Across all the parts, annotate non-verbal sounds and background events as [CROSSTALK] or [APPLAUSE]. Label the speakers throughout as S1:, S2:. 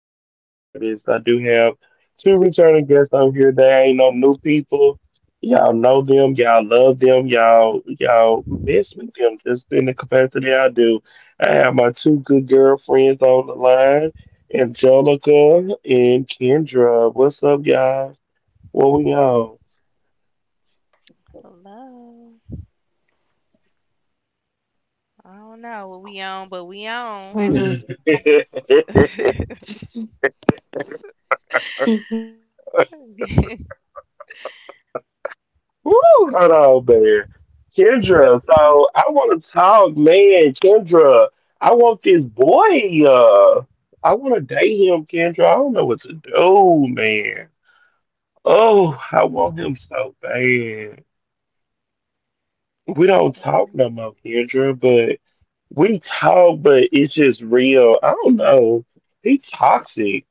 S1: am your host, Jarvis. I do have two returning guests on here. They ain't no new people. Y'all know them. Y'all love them. Y'all miss with them just in the capacity I do. I have my two good girlfriends on the line, Angelica and Kendra. What's up, y'all? What we on?
S2: Hello. I don't know what we on, but we on. [LAUGHS]
S1: [LAUGHS] Woo, hold on, man. Kendra, so I want to talk, man. Kendra, I want this boy. I want to date him, Kendra. I don't know what to do, man. Oh, I want him so bad. We don't talk no
S2: Mhm.
S1: more, Kendra, but we talk, but it's just real. I don't know. He toxic.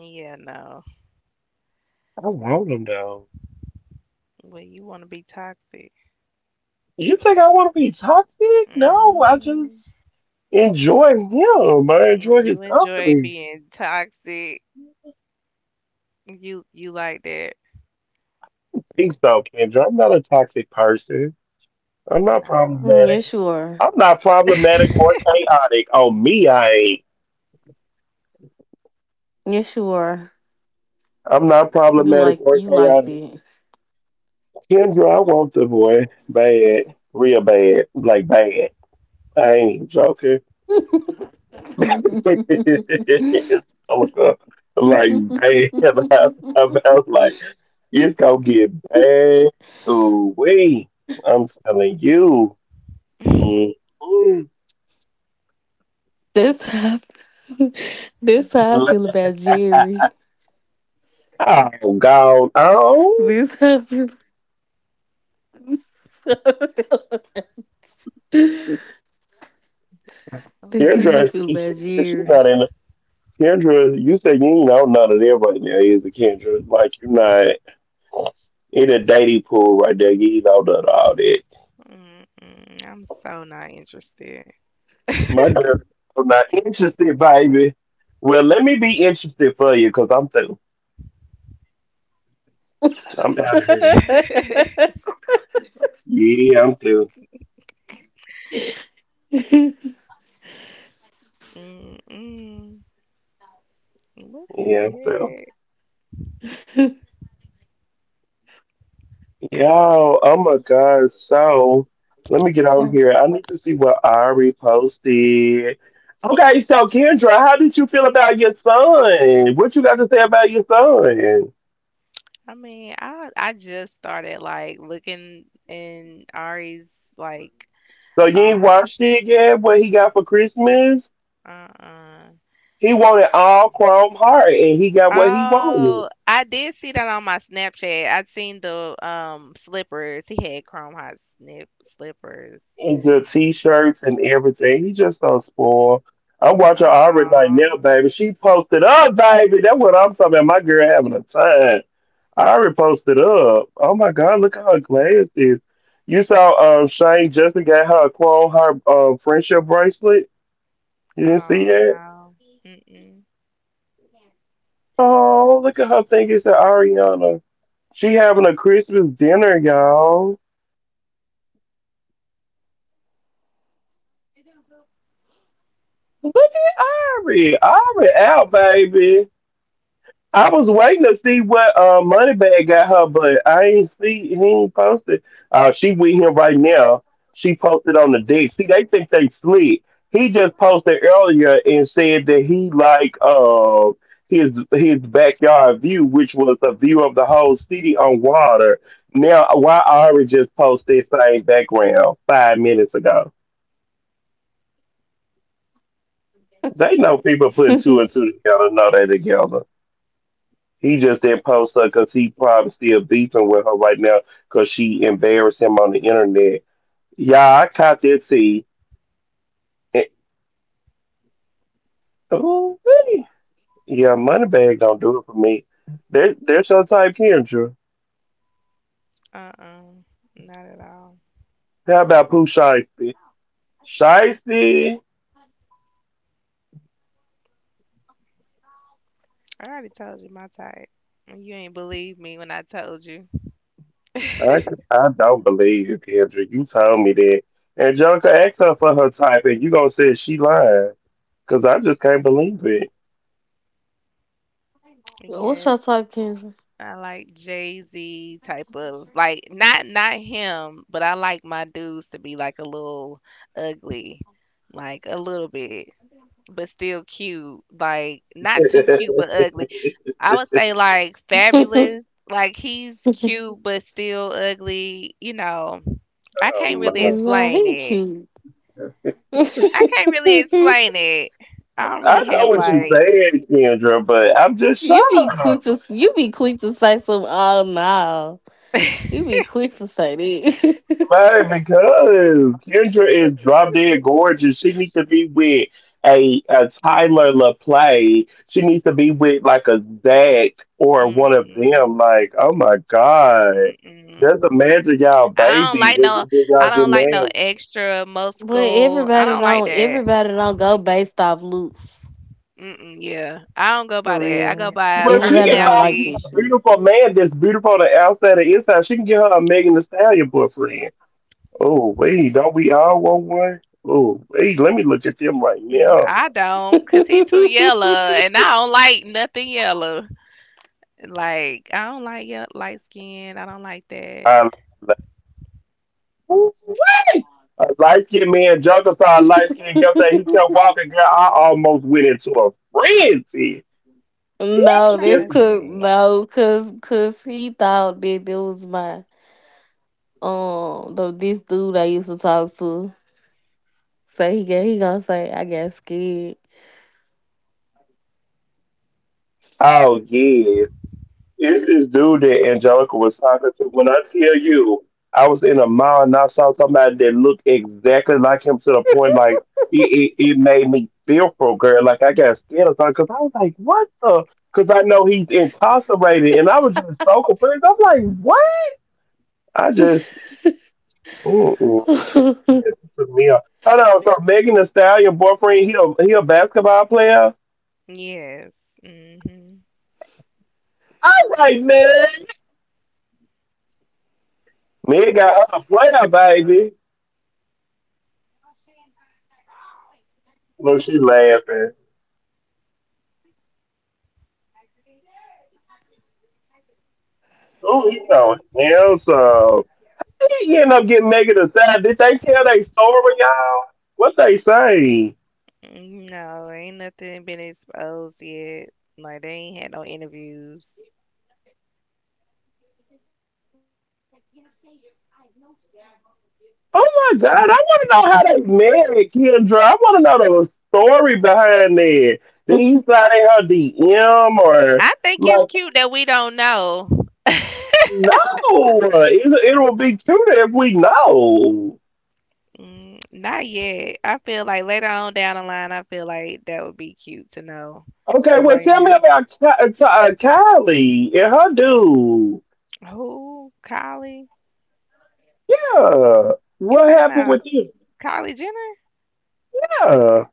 S2: Yeah, no.
S1: I want him though.
S2: Well, you want to be toxic.
S1: You think I want to be toxic? No, I
S2: hmm
S1: just enjoy him. I enjoy his
S2: you enjoy
S1: company.
S2: being toxic. You like that?
S1: Think so, Kendra. I'm not a toxic person. I'm not
S2: No.
S3: You
S1: problematic.
S3: sure.
S1: I'm not problematic or chaotic. Oh, me, I ain't.
S3: You sure.
S1: I'm not
S3: You like
S1: problematic
S3: you
S1: or
S3: liked it.
S1: chaotic. Kendra, I want the boy bad, real bad, like bad. I ain't joking. [LAUGHS] Oh
S3: [LAUGHS]
S1: my God. Like, man, [LAUGHS] I was like, it's gonna get bad. Ooh, wee. I'm telling you. Mm-mm.
S2: [LAUGHS]
S3: This how I feel, this how I
S1: Oh,
S3: feel about Jerry.
S1: gone on.
S3: This how I feel, [LAUGHS]
S2: Oh,
S3: this
S2: this.
S3: how
S1: Kendra,
S3: I feel
S1: she, she,
S3: about
S1: she's
S3: Jerry.
S1: not in. Kendra, you said you ain't know none of that right now, is it, Kendra? Like, you're not in a dating pool right there. You ain't know none of all that.
S2: Mm-mm. I'm so not interested.
S1: My girl, I'm not interested, baby. Well, let me be interested for you, cause I'm through. I'm out
S2: Mm.
S1: of here.
S2: [LAUGHS]
S1: Yeah, I'm through.
S3: [LAUGHS]
S2: Mm-mm. What
S1: Yeah, I'm through.
S2: the
S1: Yo, oh my God. So let me get on here. I need to see what Ari posted. Okay, so Kendra, how did you feel about your son? What you got to say about your son?
S2: I just started like looking in Ari's like
S1: So you ain't
S2: um
S1: watched it yet? What he got for Christmas?
S2: uh-uh.
S1: He wanted all Chrome Heart, and he got what he
S2: Oh,
S1: wanted.
S2: I did see that on my Snapchat. I'd seen the slippers. He had chrome hot snip slippers.
S1: And the t-shirts and everything. He just don't spoil. I watch her already right
S2: Oh,
S1: now, baby. She posted up, baby. That's what I'm talking about. My girl having a time. I already posted up. Oh my God, look at her glasses. You saw Shane Justin got her a clone her friendship bracelet. You didn't see
S2: oh
S1: that?
S2: no. Mm-mm.
S1: Oh, look at her fingers, it's Ariana. She having a Christmas dinner, y'all. Look at Ari. Ari out, baby. I was waiting to see what Moneybag got her, but I ain't see he ain't posted. She with him right now. She posted on the day. See, they think they slick. He just posted earlier and said that he like his backyard view, which was a view of the whole city on water. Now, why Ari just posted same background 5 minutes ago? They know people putting two and two together. Know they together. He just didn't post her because he probably still beefing with her right now because she embarrassed him on the internet. Yeah, I caught that see. Oh, yeah, Moneybag don't do it for me. There's your type, Kendra.
S2: Uh-uh. Not at all.
S1: How about Pooh Shiesty? Shiesty?
S2: I already told you my type. You ain't believe me when I told you.
S1: I, I don't believe you, Kendra. You told me that. Angelica asked her for her type, and you gonna say she lying? Cause I just can't believe it.
S3: What's your
S2: Yes.
S3: type, Kendra?
S2: I like Jay Z type of like not him, but I like my dudes to be like a little ugly, like a little bit, but still cute. Like not too cute, but ugly.
S1: [LAUGHS]
S2: I would say like fabulous.
S3: [LAUGHS]
S2: Like he's cute but still ugly. You know, I
S1: Oh
S2: can't really
S1: no.
S3: No,
S2: explain
S3: he
S2: it.
S3: cute.
S2: I can't
S3: [LAUGHS]
S2: really explain it. I don't
S1: I
S2: really
S1: know
S2: have
S1: what you're
S2: like.
S1: saying, Kendra, but I'm just
S3: you be quick
S1: shocked,
S3: to you be quick to say some. Oh no. You
S2: [LAUGHS]
S3: be quick to say that.
S1: man, because Kendra is drop dead gorgeous. She needs to be with a Tyler LaPlay. She needs to be with like a Zach or one of
S2: Mm-mm.
S1: them. Like, oh my God.
S2: mm
S1: Just
S2: mm
S1: imagine y'all
S2: I don't
S1: baby
S2: like no.
S1: when
S2: I
S1: y'all get
S2: don't like no
S1: married.
S2: extra
S3: [LAUGHS] But
S2: muscle. I
S3: everybody
S2: don't like
S3: don't
S2: that.
S3: everybody don't go based off looks.
S2: Mm-mm, yeah,
S3: For
S2: I don't go by
S3: real.
S2: that. I go by
S3: Everybody
S1: But she
S3: don't
S1: can
S3: like this
S1: find
S2: personality.
S1: a
S3: shit.
S1: beautiful man that's beautiful on the outside and inside. She can get her a Megan Thee Stallion boyfriend. Oh, wait, don't we all want one? Oh, wait, let me look at them right
S2: Mm,
S1: now.
S2: I don't, cause he too
S3: [LAUGHS]
S2: yellow, and I don't like nothing yellow. Like I don't like light skin. I don't like that.
S1: I like, ooh, wait. A light skinned man, Juggalo, light skinned guy, he kept walking, girl. I almost went into a frenzy.
S2: I'm
S3: No, this
S2: trying to
S1: Just-
S3: cause
S2: think.
S3: no, cause cause he thought that there was my the this dude I used to talk to. So he gonna say I got scared.
S1: oh, yes. It's this dude that Angelica was talking to. When I tell you, I was in a mall and I saw somebody that looked exactly like him to the point like it made me fearful, girl. Like I got scared of something because I was like, what the? Because I know he's incarcerated and I was just so confused. I'm like, what? I just,
S3: [LAUGHS]
S1: mm-mm.
S3: Don't
S1: Yeah, this is me. Hold on. So Megan Thee Stallion, boyfriend, he a basketball player?
S2: Yes. Mhm.
S1: All right, man. Meg got her a player, baby. Look, she laughing. Oh, he told him so. He ended up getting negative side. Did they tell their story, y'all? What they say?
S2: Mm, no, ain't nothing been exposed yet. Like they ain't had no interviews.
S1: Oh my God, I want to know how they married Kendra. I want to know the story behind that. Did he sign in her DM or
S2: I think it's
S1: like?
S2: cute that we don't know.
S1: No, it would be cuter if we know.
S2: Mm, not yet. I feel like later on down the line, I feel like that would be cute to know.
S1: Okay,
S2: But
S1: well,
S2: right
S1: tell me
S2: now,
S1: about Kylie and her dude.
S2: who? Kylie?
S1: Yeah,
S2: You
S1: what
S2: talking
S1: happened
S2: about
S1: with you?
S2: Kylie Jenner?
S1: Yeah.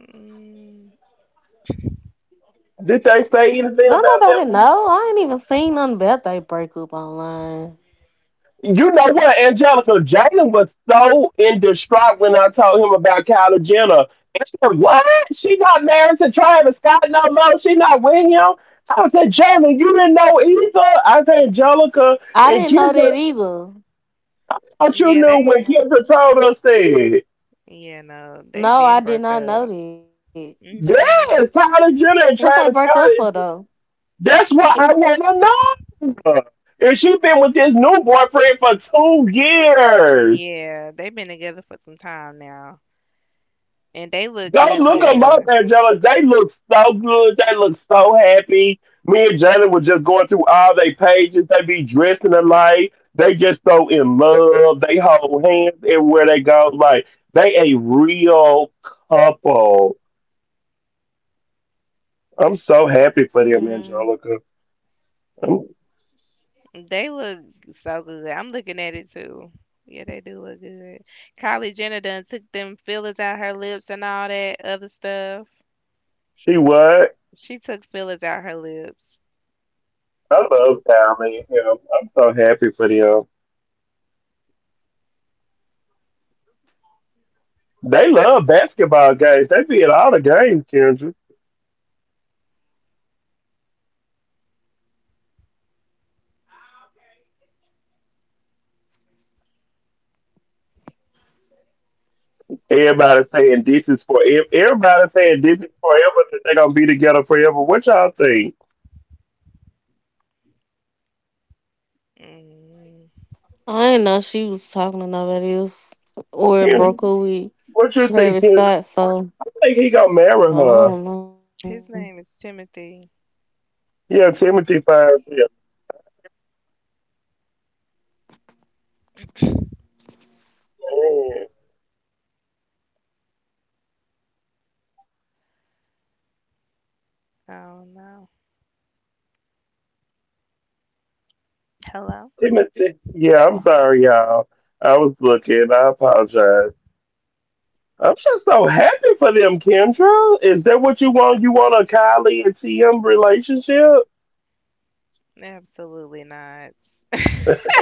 S2: Mm,
S1: Did they say anything about
S3: nobody
S1: them?
S3: know. I ain't even seen nothing about they breakup online.
S1: You know what, Angelica? Jalen was so in distraught when I told him about Kylie Jenner. I said, what? She not married to Travis Scott no more. She not with him. I said, "Jalen, you didn't know either. I said, Angelica
S3: I
S1: and
S3: didn't know
S1: Kendra,
S3: that either.
S1: thought you
S2: yeah,
S1: knew when
S2: they.
S1: Kendra told us that.
S2: Yeah, no, they
S3: No, I
S2: been
S3: did
S2: broke
S3: not know
S2: up.
S3: that.
S2: Mhm.
S1: Yes, Kylie
S3: What they
S1: Jenner and
S3: broke up
S1: Travis
S3: for
S1: Scott
S3: though?
S1: is that's what I wanna know. And she been with this new boyfriend for 2 years.
S2: Yeah, they've been together for some time now, and they look
S1: Go
S2: good
S1: look them up,
S2: together.
S1: Angela. They look so good. They look so happy. Me and Jalen were just going through all their pages. They be dressing alike. They just so in love. They hold hands everywhere they go. Like they a real couple. I'm so happy for them,
S3: Mm.
S1: Angelica. I'm-
S2: They look so good. I'm looking at it too. Yeah, they do look good. Kylie Jenner done took them fillers out her lips and all that other stuff.
S1: She what?
S2: She took fillers out her lips.
S1: I love Tommy and him. I'm so happy for them. They love basketball games. They be at all the games, Kendra. Everybody saying this is for ev- everybody saying this is forever that they're gonna be together forever. What y'all think?
S2: Mm,
S3: I didn't know she was talking to nobody else or broke up
S1: Kim,
S3: with
S1: what you think?
S3: Travis
S1: Kim?
S3: Scott. So,
S1: I think he gonna marry
S3: so
S1: her.
S3: I don't
S2: his name is Timothy.
S1: Yeah, Timothy finds him. Man,
S2: Oh no. Hello?
S1: Timothy. Yeah, I'm sorry, y'all. I was looking. I apologize. I'm just so happy for them, Kendra. Is that what you want? You want a Kylie and TM relationship?
S2: Absolutely not.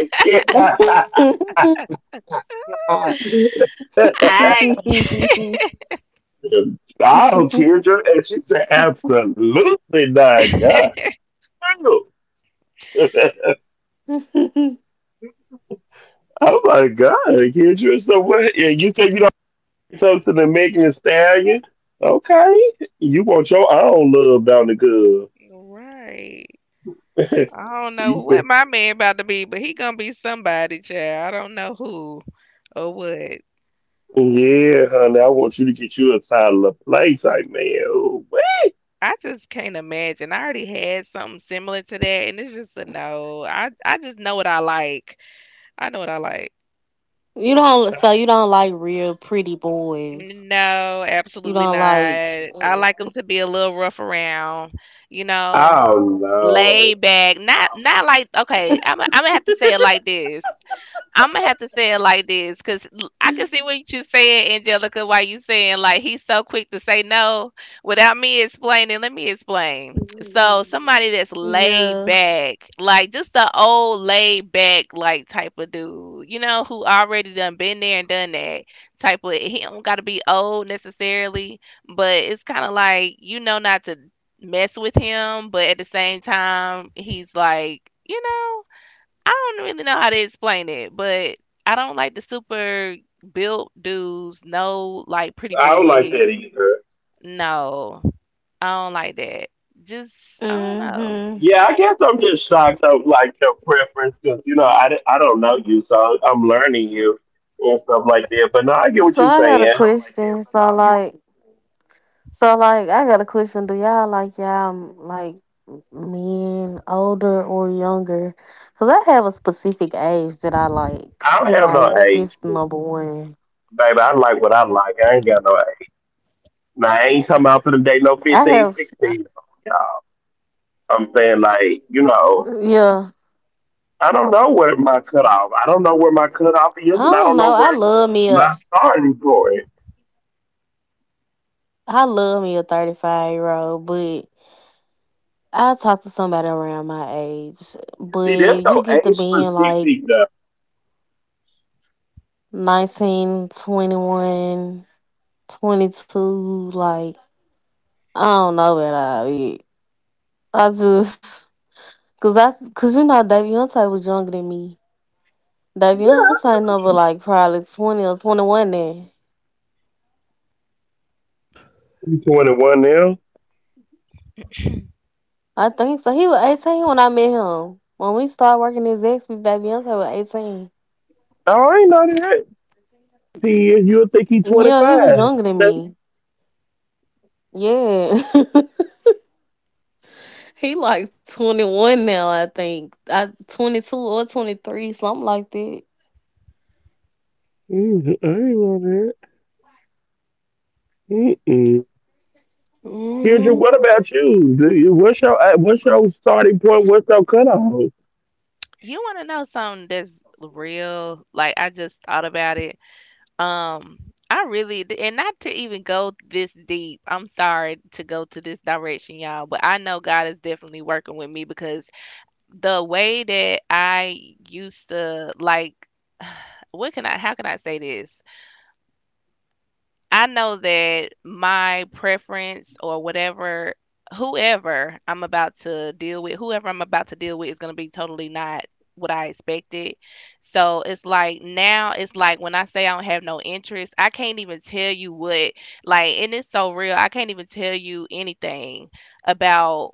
S1: [LAUGHS] Yeah.
S2: [LAUGHS] I
S1: [LAUGHS]
S3: know. [LAUGHS]
S1: I don't care. And she said, absolutely not, God.
S2: [LAUGHS]
S1: No. [LAUGHS] Oh my God, Kendra. So what? Yeah, you said you don't do something to make a stallion. Okay, you want your own love down the good.
S2: Right.
S1: [LAUGHS]
S2: I don't know
S1: You said,
S2: what my man about to be, but he gonna be somebody, child. I don't know who or what.
S1: yeah, honey, I want you to get you a title of play type man. Ooh, what?
S2: I just can't imagine. I already had something similar to that, and it's just a no. I just know what I like. I know what I like.
S3: You don't. So you don't like real pretty boys.
S2: No,
S3: You
S2: absolutely
S3: don't
S2: not.
S3: like.
S2: I like them to be a little rough around, you know,
S1: Oh, well. I do
S2: laid back. Not like okay. I'm gonna have to say it like this. I'm gonna have to say it like this, cause I can see what you saying, Angelica. Why you saying like he's so quick to say no without me explaining? Let me explain. So somebody that's
S3: Yeah.
S2: laid back, like just the old laid back like type of dude, you know, who already done been there and done that type of. He don't gotta be old necessarily, but it's kind of like you know not to mess with him, but at the same time he's like you know. I don't really know how to explain it, but I don't like the super built dudes. No, like pretty
S1: I don't like
S2: boys.
S1: that either.
S2: No, I don't like that. Just I don't know.
S3: hmm
S1: Yeah, I guess I'm just shocked of like your preference because you know I don't know you, so I'm learning you and stuff like that. But no, I get what
S3: So
S1: you're
S3: I got a
S1: saying.
S3: question. So like I got a question. Do y'all like like men older or younger? Cause I have a specific age that I like.
S1: I don't have no
S3: Like
S1: age,
S3: this number one.
S1: baby. I like what I like. I ain't got no age. Now I ain't talking about for the date no
S3: I
S1: 15,
S3: have s- uh,
S1: 16. Yeah, I'm saying like you know
S3: yeah.
S1: I don't know where my cutoff. I don't know where my cutoff is,
S3: I
S1: and I don't
S3: don't
S1: know
S3: know.
S1: where my starting point.
S3: I love me a 35-year old, but I talk to somebody around my age. But
S1: See, there's
S3: you
S1: no
S3: get to
S1: age
S3: being like
S1: specific though.
S3: 19, 21, 22. Like I don't know about all that. I just cause you know Davionte was younger than me.
S1: Yeah.
S3: Davionte number like probably 20 or 21 then.
S1: You 21 now?
S3: I think so. He was 18 when I met him. When we started working as ex with Davionte was 18.
S1: Oh, I ain't know that. Years, you'll think he's
S3: Yeah, he was
S1: 25.
S3: younger than
S1: That's-
S3: me. Yeah. [LAUGHS] He like 21 now, I think. I 22 or 23, something like that.
S1: mm, I ain't on that. Mm-mm. Kendra,
S3: hmm
S1: what about you? What's your starting point? What's your cutoff?
S2: You want to know something that's real? Like I just thought about it. Um, I really and not to even go this deep. I'm sorry to go to this direction, y'all, but I know God is definitely working with me because the way that I used to like what can I how can I say this? I know that my preference or whatever, whoever I'm about to deal with, whoever I'm about to deal with is going to be totally not what I expected. So it's like now, it's like when I say I don't have no interest, I can't even tell you what, like, and it's so real. I can't even tell you anything about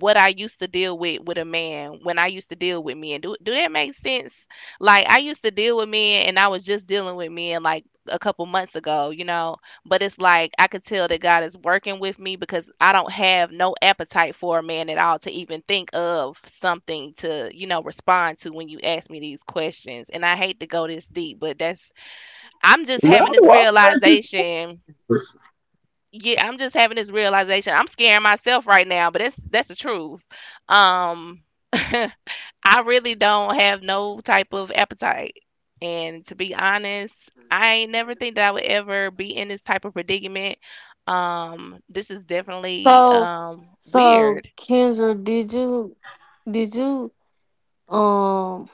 S2: what I used to deal with a man when I used to deal with men. Do that make sense? Like I used to deal with men and I was just dealing with men like a couple months ago, you know. But it's like I could tell that God is working with me because I don't have no appetite for a man at all to even think of something to, you know, respond to when you ask me these questions. And I hate to go this deep, but that's I'm just having
S1: No,
S2: this
S1: I'm 30.
S2: realization yeah, I'm just having this realization. I'm scaring myself right now, but that's the truth. Um, [LAUGHS] I really don't have no type of appetite, and to be honest, I ain't never think that I would ever be in this type of predicament. This is definitely
S3: So so
S2: weird.
S3: Kendra, did you um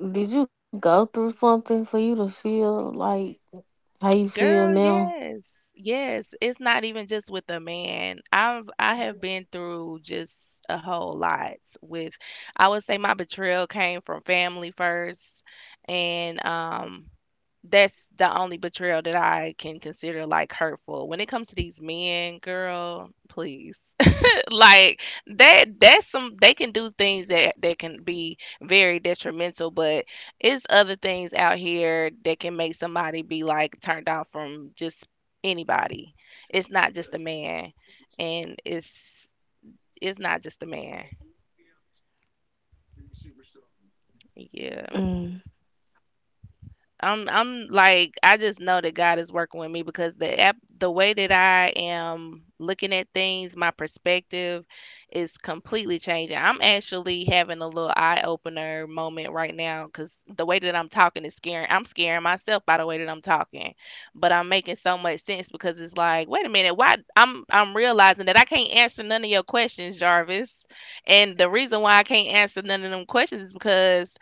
S3: Did you go through something for you to feel like how you feel
S2: Girl,
S3: now?
S2: yes. Yes. It's not even just with a man. I have been through just a whole lot with I would say my betrayal came from family first and that's the only betrayal that I can consider like hurtful. When it comes to these men, girl, please like that's some they can do things that that can be very detrimental but it's other things out here that can make somebody be like turned off from just anybody, it's not just a man, and it's not just a man, yeah.
S3: Mm.
S2: I'm like I just know that God is working with me because the way that I am looking at things, my perspective is completely changing. I'm actually having a little eye opener moment right now cuz the way that I'm talking is scaring I'm scaring myself by the way that I'm talking. But I'm making so much sense because it's like, wait a minute, why I'm realizing that I can't answer none of your questions, Jarvis. And the reason why I can't answer none of them questions is because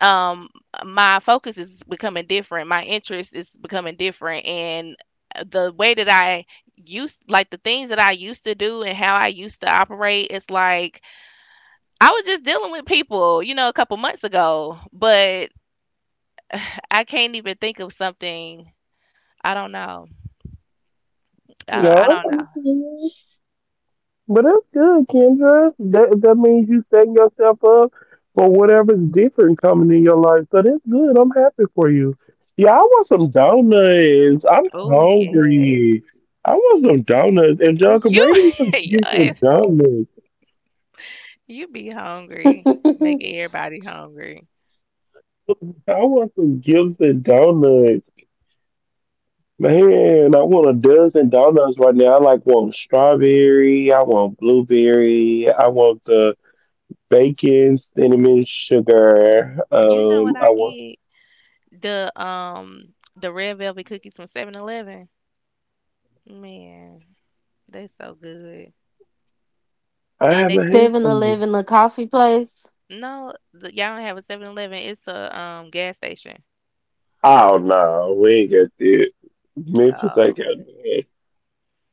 S2: um my focus is becoming different, my interest is becoming different, and the way that I used like the things that I used to do and how I used to operate, it's like I was just dealing with people, you know, a couple months ago, but [SIGHS] I can't even think of something. I don't know. I
S1: No.
S2: don't know.
S1: But that's good, Kendra. That means you setting yourself up for whatever's different coming in your life. So that's good. I'm happy for you. Yeah, I want some donuts. I'm
S2: Oh,
S1: hungry.
S2: yes.
S1: I want some donuts. And John could
S2: You
S1: bring me some
S2: [LAUGHS]
S1: decent
S2: yes,
S1: donuts.
S2: you be hungry, make
S3: [LAUGHS]
S2: everybody hungry.
S1: I want some gifts and donuts. Man, I want a dozen donuts right now. I like want strawberry, I want blueberry, I want the bacon, cinnamon, sugar.
S2: You know what
S1: I
S2: I
S1: want.
S2: get? The red velvet cookies from 7-Eleven, man, they so good.
S1: I
S2: And
S1: haven't had
S3: Seven
S1: them.
S3: Eleven, a coffee place.
S2: no, y'all don't have a 7-Eleven. It's a gas station.
S1: Oh no, we ain't got that. Memphis ain't
S2: Oh,
S1: got that.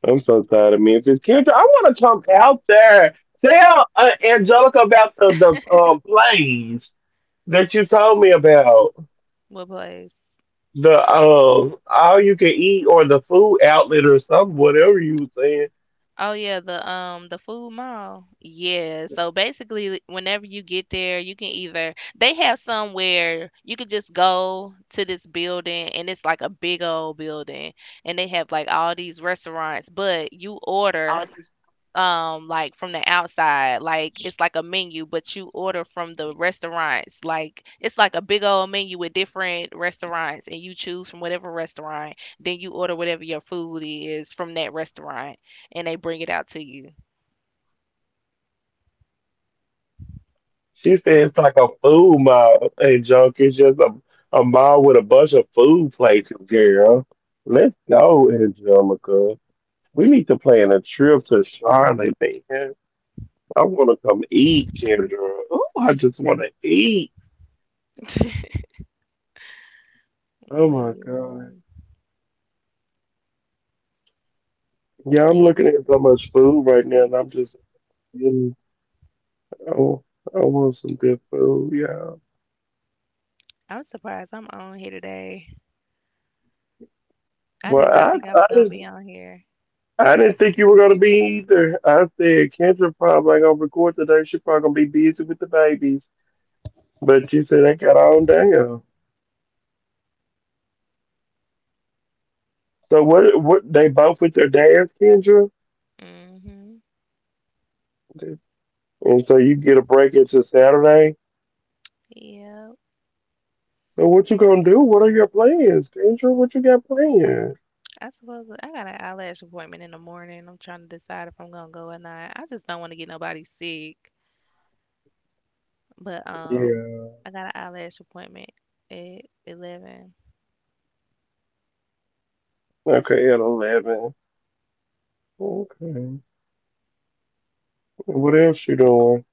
S1: I'm so tired of Memphis. Kendra, I want to come out there. Tell Angelica about the plays that you told me about.
S2: what place?
S1: The all you can eat or the food outlet or something, whatever you were saying.
S2: Oh yeah, the food mall. Yeah. So basically whenever you get there, you can either they have somewhere you could just go to this building and it's like a big old building and they have like all these restaurants, but you order like from the outside, like it's like a menu, but you order from the restaurants like it's like a big old menu with different restaurants and you choose from whatever restaurant then you order whatever your food is from that restaurant and they bring it out to you.
S1: She
S2: It-
S1: said it's like a food mall and junk. It's just a mall with a bunch of food places, girl. Let's go, Angelica. We need to plan a trip to Charlotte, man. I want to come eat, Kendra. Oh, I just want to eat.
S2: [LAUGHS]
S1: Oh
S2: but
S1: my
S2: yeah,
S1: God. Yeah, I'm looking
S2: and
S1: at so much food right now, and I'm just, feeling- oh, I want some good food, yeah.
S2: I'm surprised I'm on here today, I did
S1: Well,
S2: not think I was gonna
S1: I
S2: be on here.
S1: I didn't think you were gonna be either. I said Kendra probably ain't gonna record today. She probably gonna be busy with the babies. But you said they got on down. So what? What they both with their dads, Kendra,
S2: hmm
S1: and so you get a break into Saturday.
S2: yeah,
S1: So what you gonna do? What are your plans, Kendra? What you got planned?
S2: I suppose I got an eyelash appointment in the morning, I'm trying to decide if I'm gonna go or not, I just don't want to get nobody sick. But
S1: Yeah.
S2: I got an eyelash appointment at 11.
S1: Okay, at 11. Okay. What else you doing?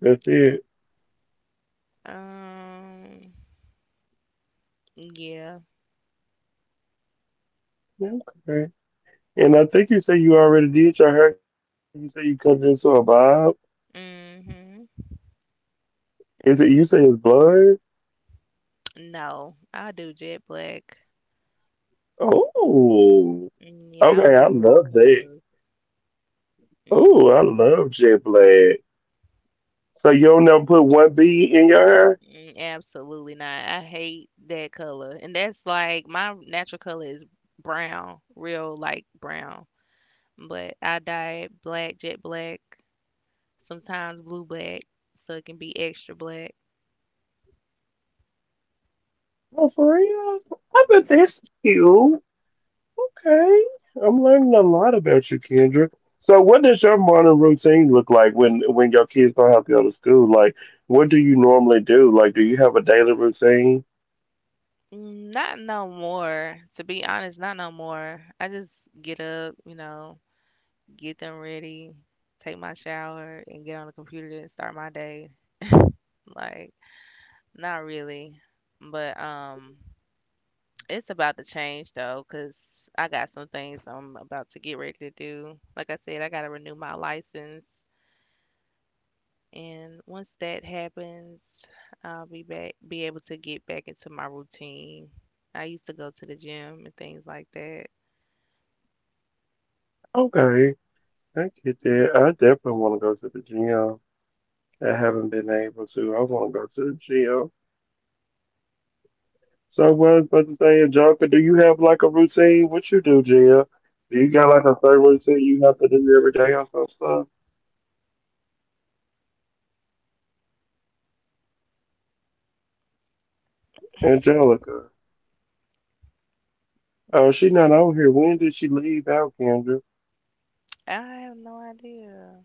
S1: That's it.
S2: Um, yeah.
S1: Okay. And I think you said you already did your hair. You said you cut it into a bob.
S2: Mm-hmm.
S1: Is it you say it's blood?
S2: No, I do jet black.
S1: Oh,
S2: Mm, yeah, I don't
S1: okay. I
S2: do other
S1: love that.
S2: colors.
S1: Oh, I
S2: Mm,
S1: love jet black. So you don't never put one bead in your hair?
S2: mm, absolutely not. I hate that color, and that's like my natural color is brown, real like brown. But I dye it black, jet black, sometimes blue black, so it can be extra black.
S1: Oh, for real? I bet that's cute. Okay, I'm learning a lot about you, Kendra. So what does your morning routine look like when your kids don't have to go to school? Like, what do you normally do? Like, do you have a daily routine?
S2: Mm, not no more. To be honest, not no more. I just get up, you know, get them ready, take my shower, and get on the computer and start my day. Like, not really. But it's about to change though, 'cause I got some things I'm about to get ready to do. Like I said, I gotta renew my license, and once that happens, I'll be back, be able to get back into my routine. I used to go to the gym and things like that.
S1: Okay, I get that. I definitely want to go to the gym. I haven't been able to. I want to go to the gym. So I was about to say, Angelica, do you have like a routine? What you do, Jill? Do you got like a certain routine you have to do every day or some stuff? Angelica. Oh, she not on here. When did she leave out, Kendra?
S2: I have no idea.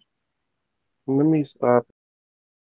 S1: Let me stop it.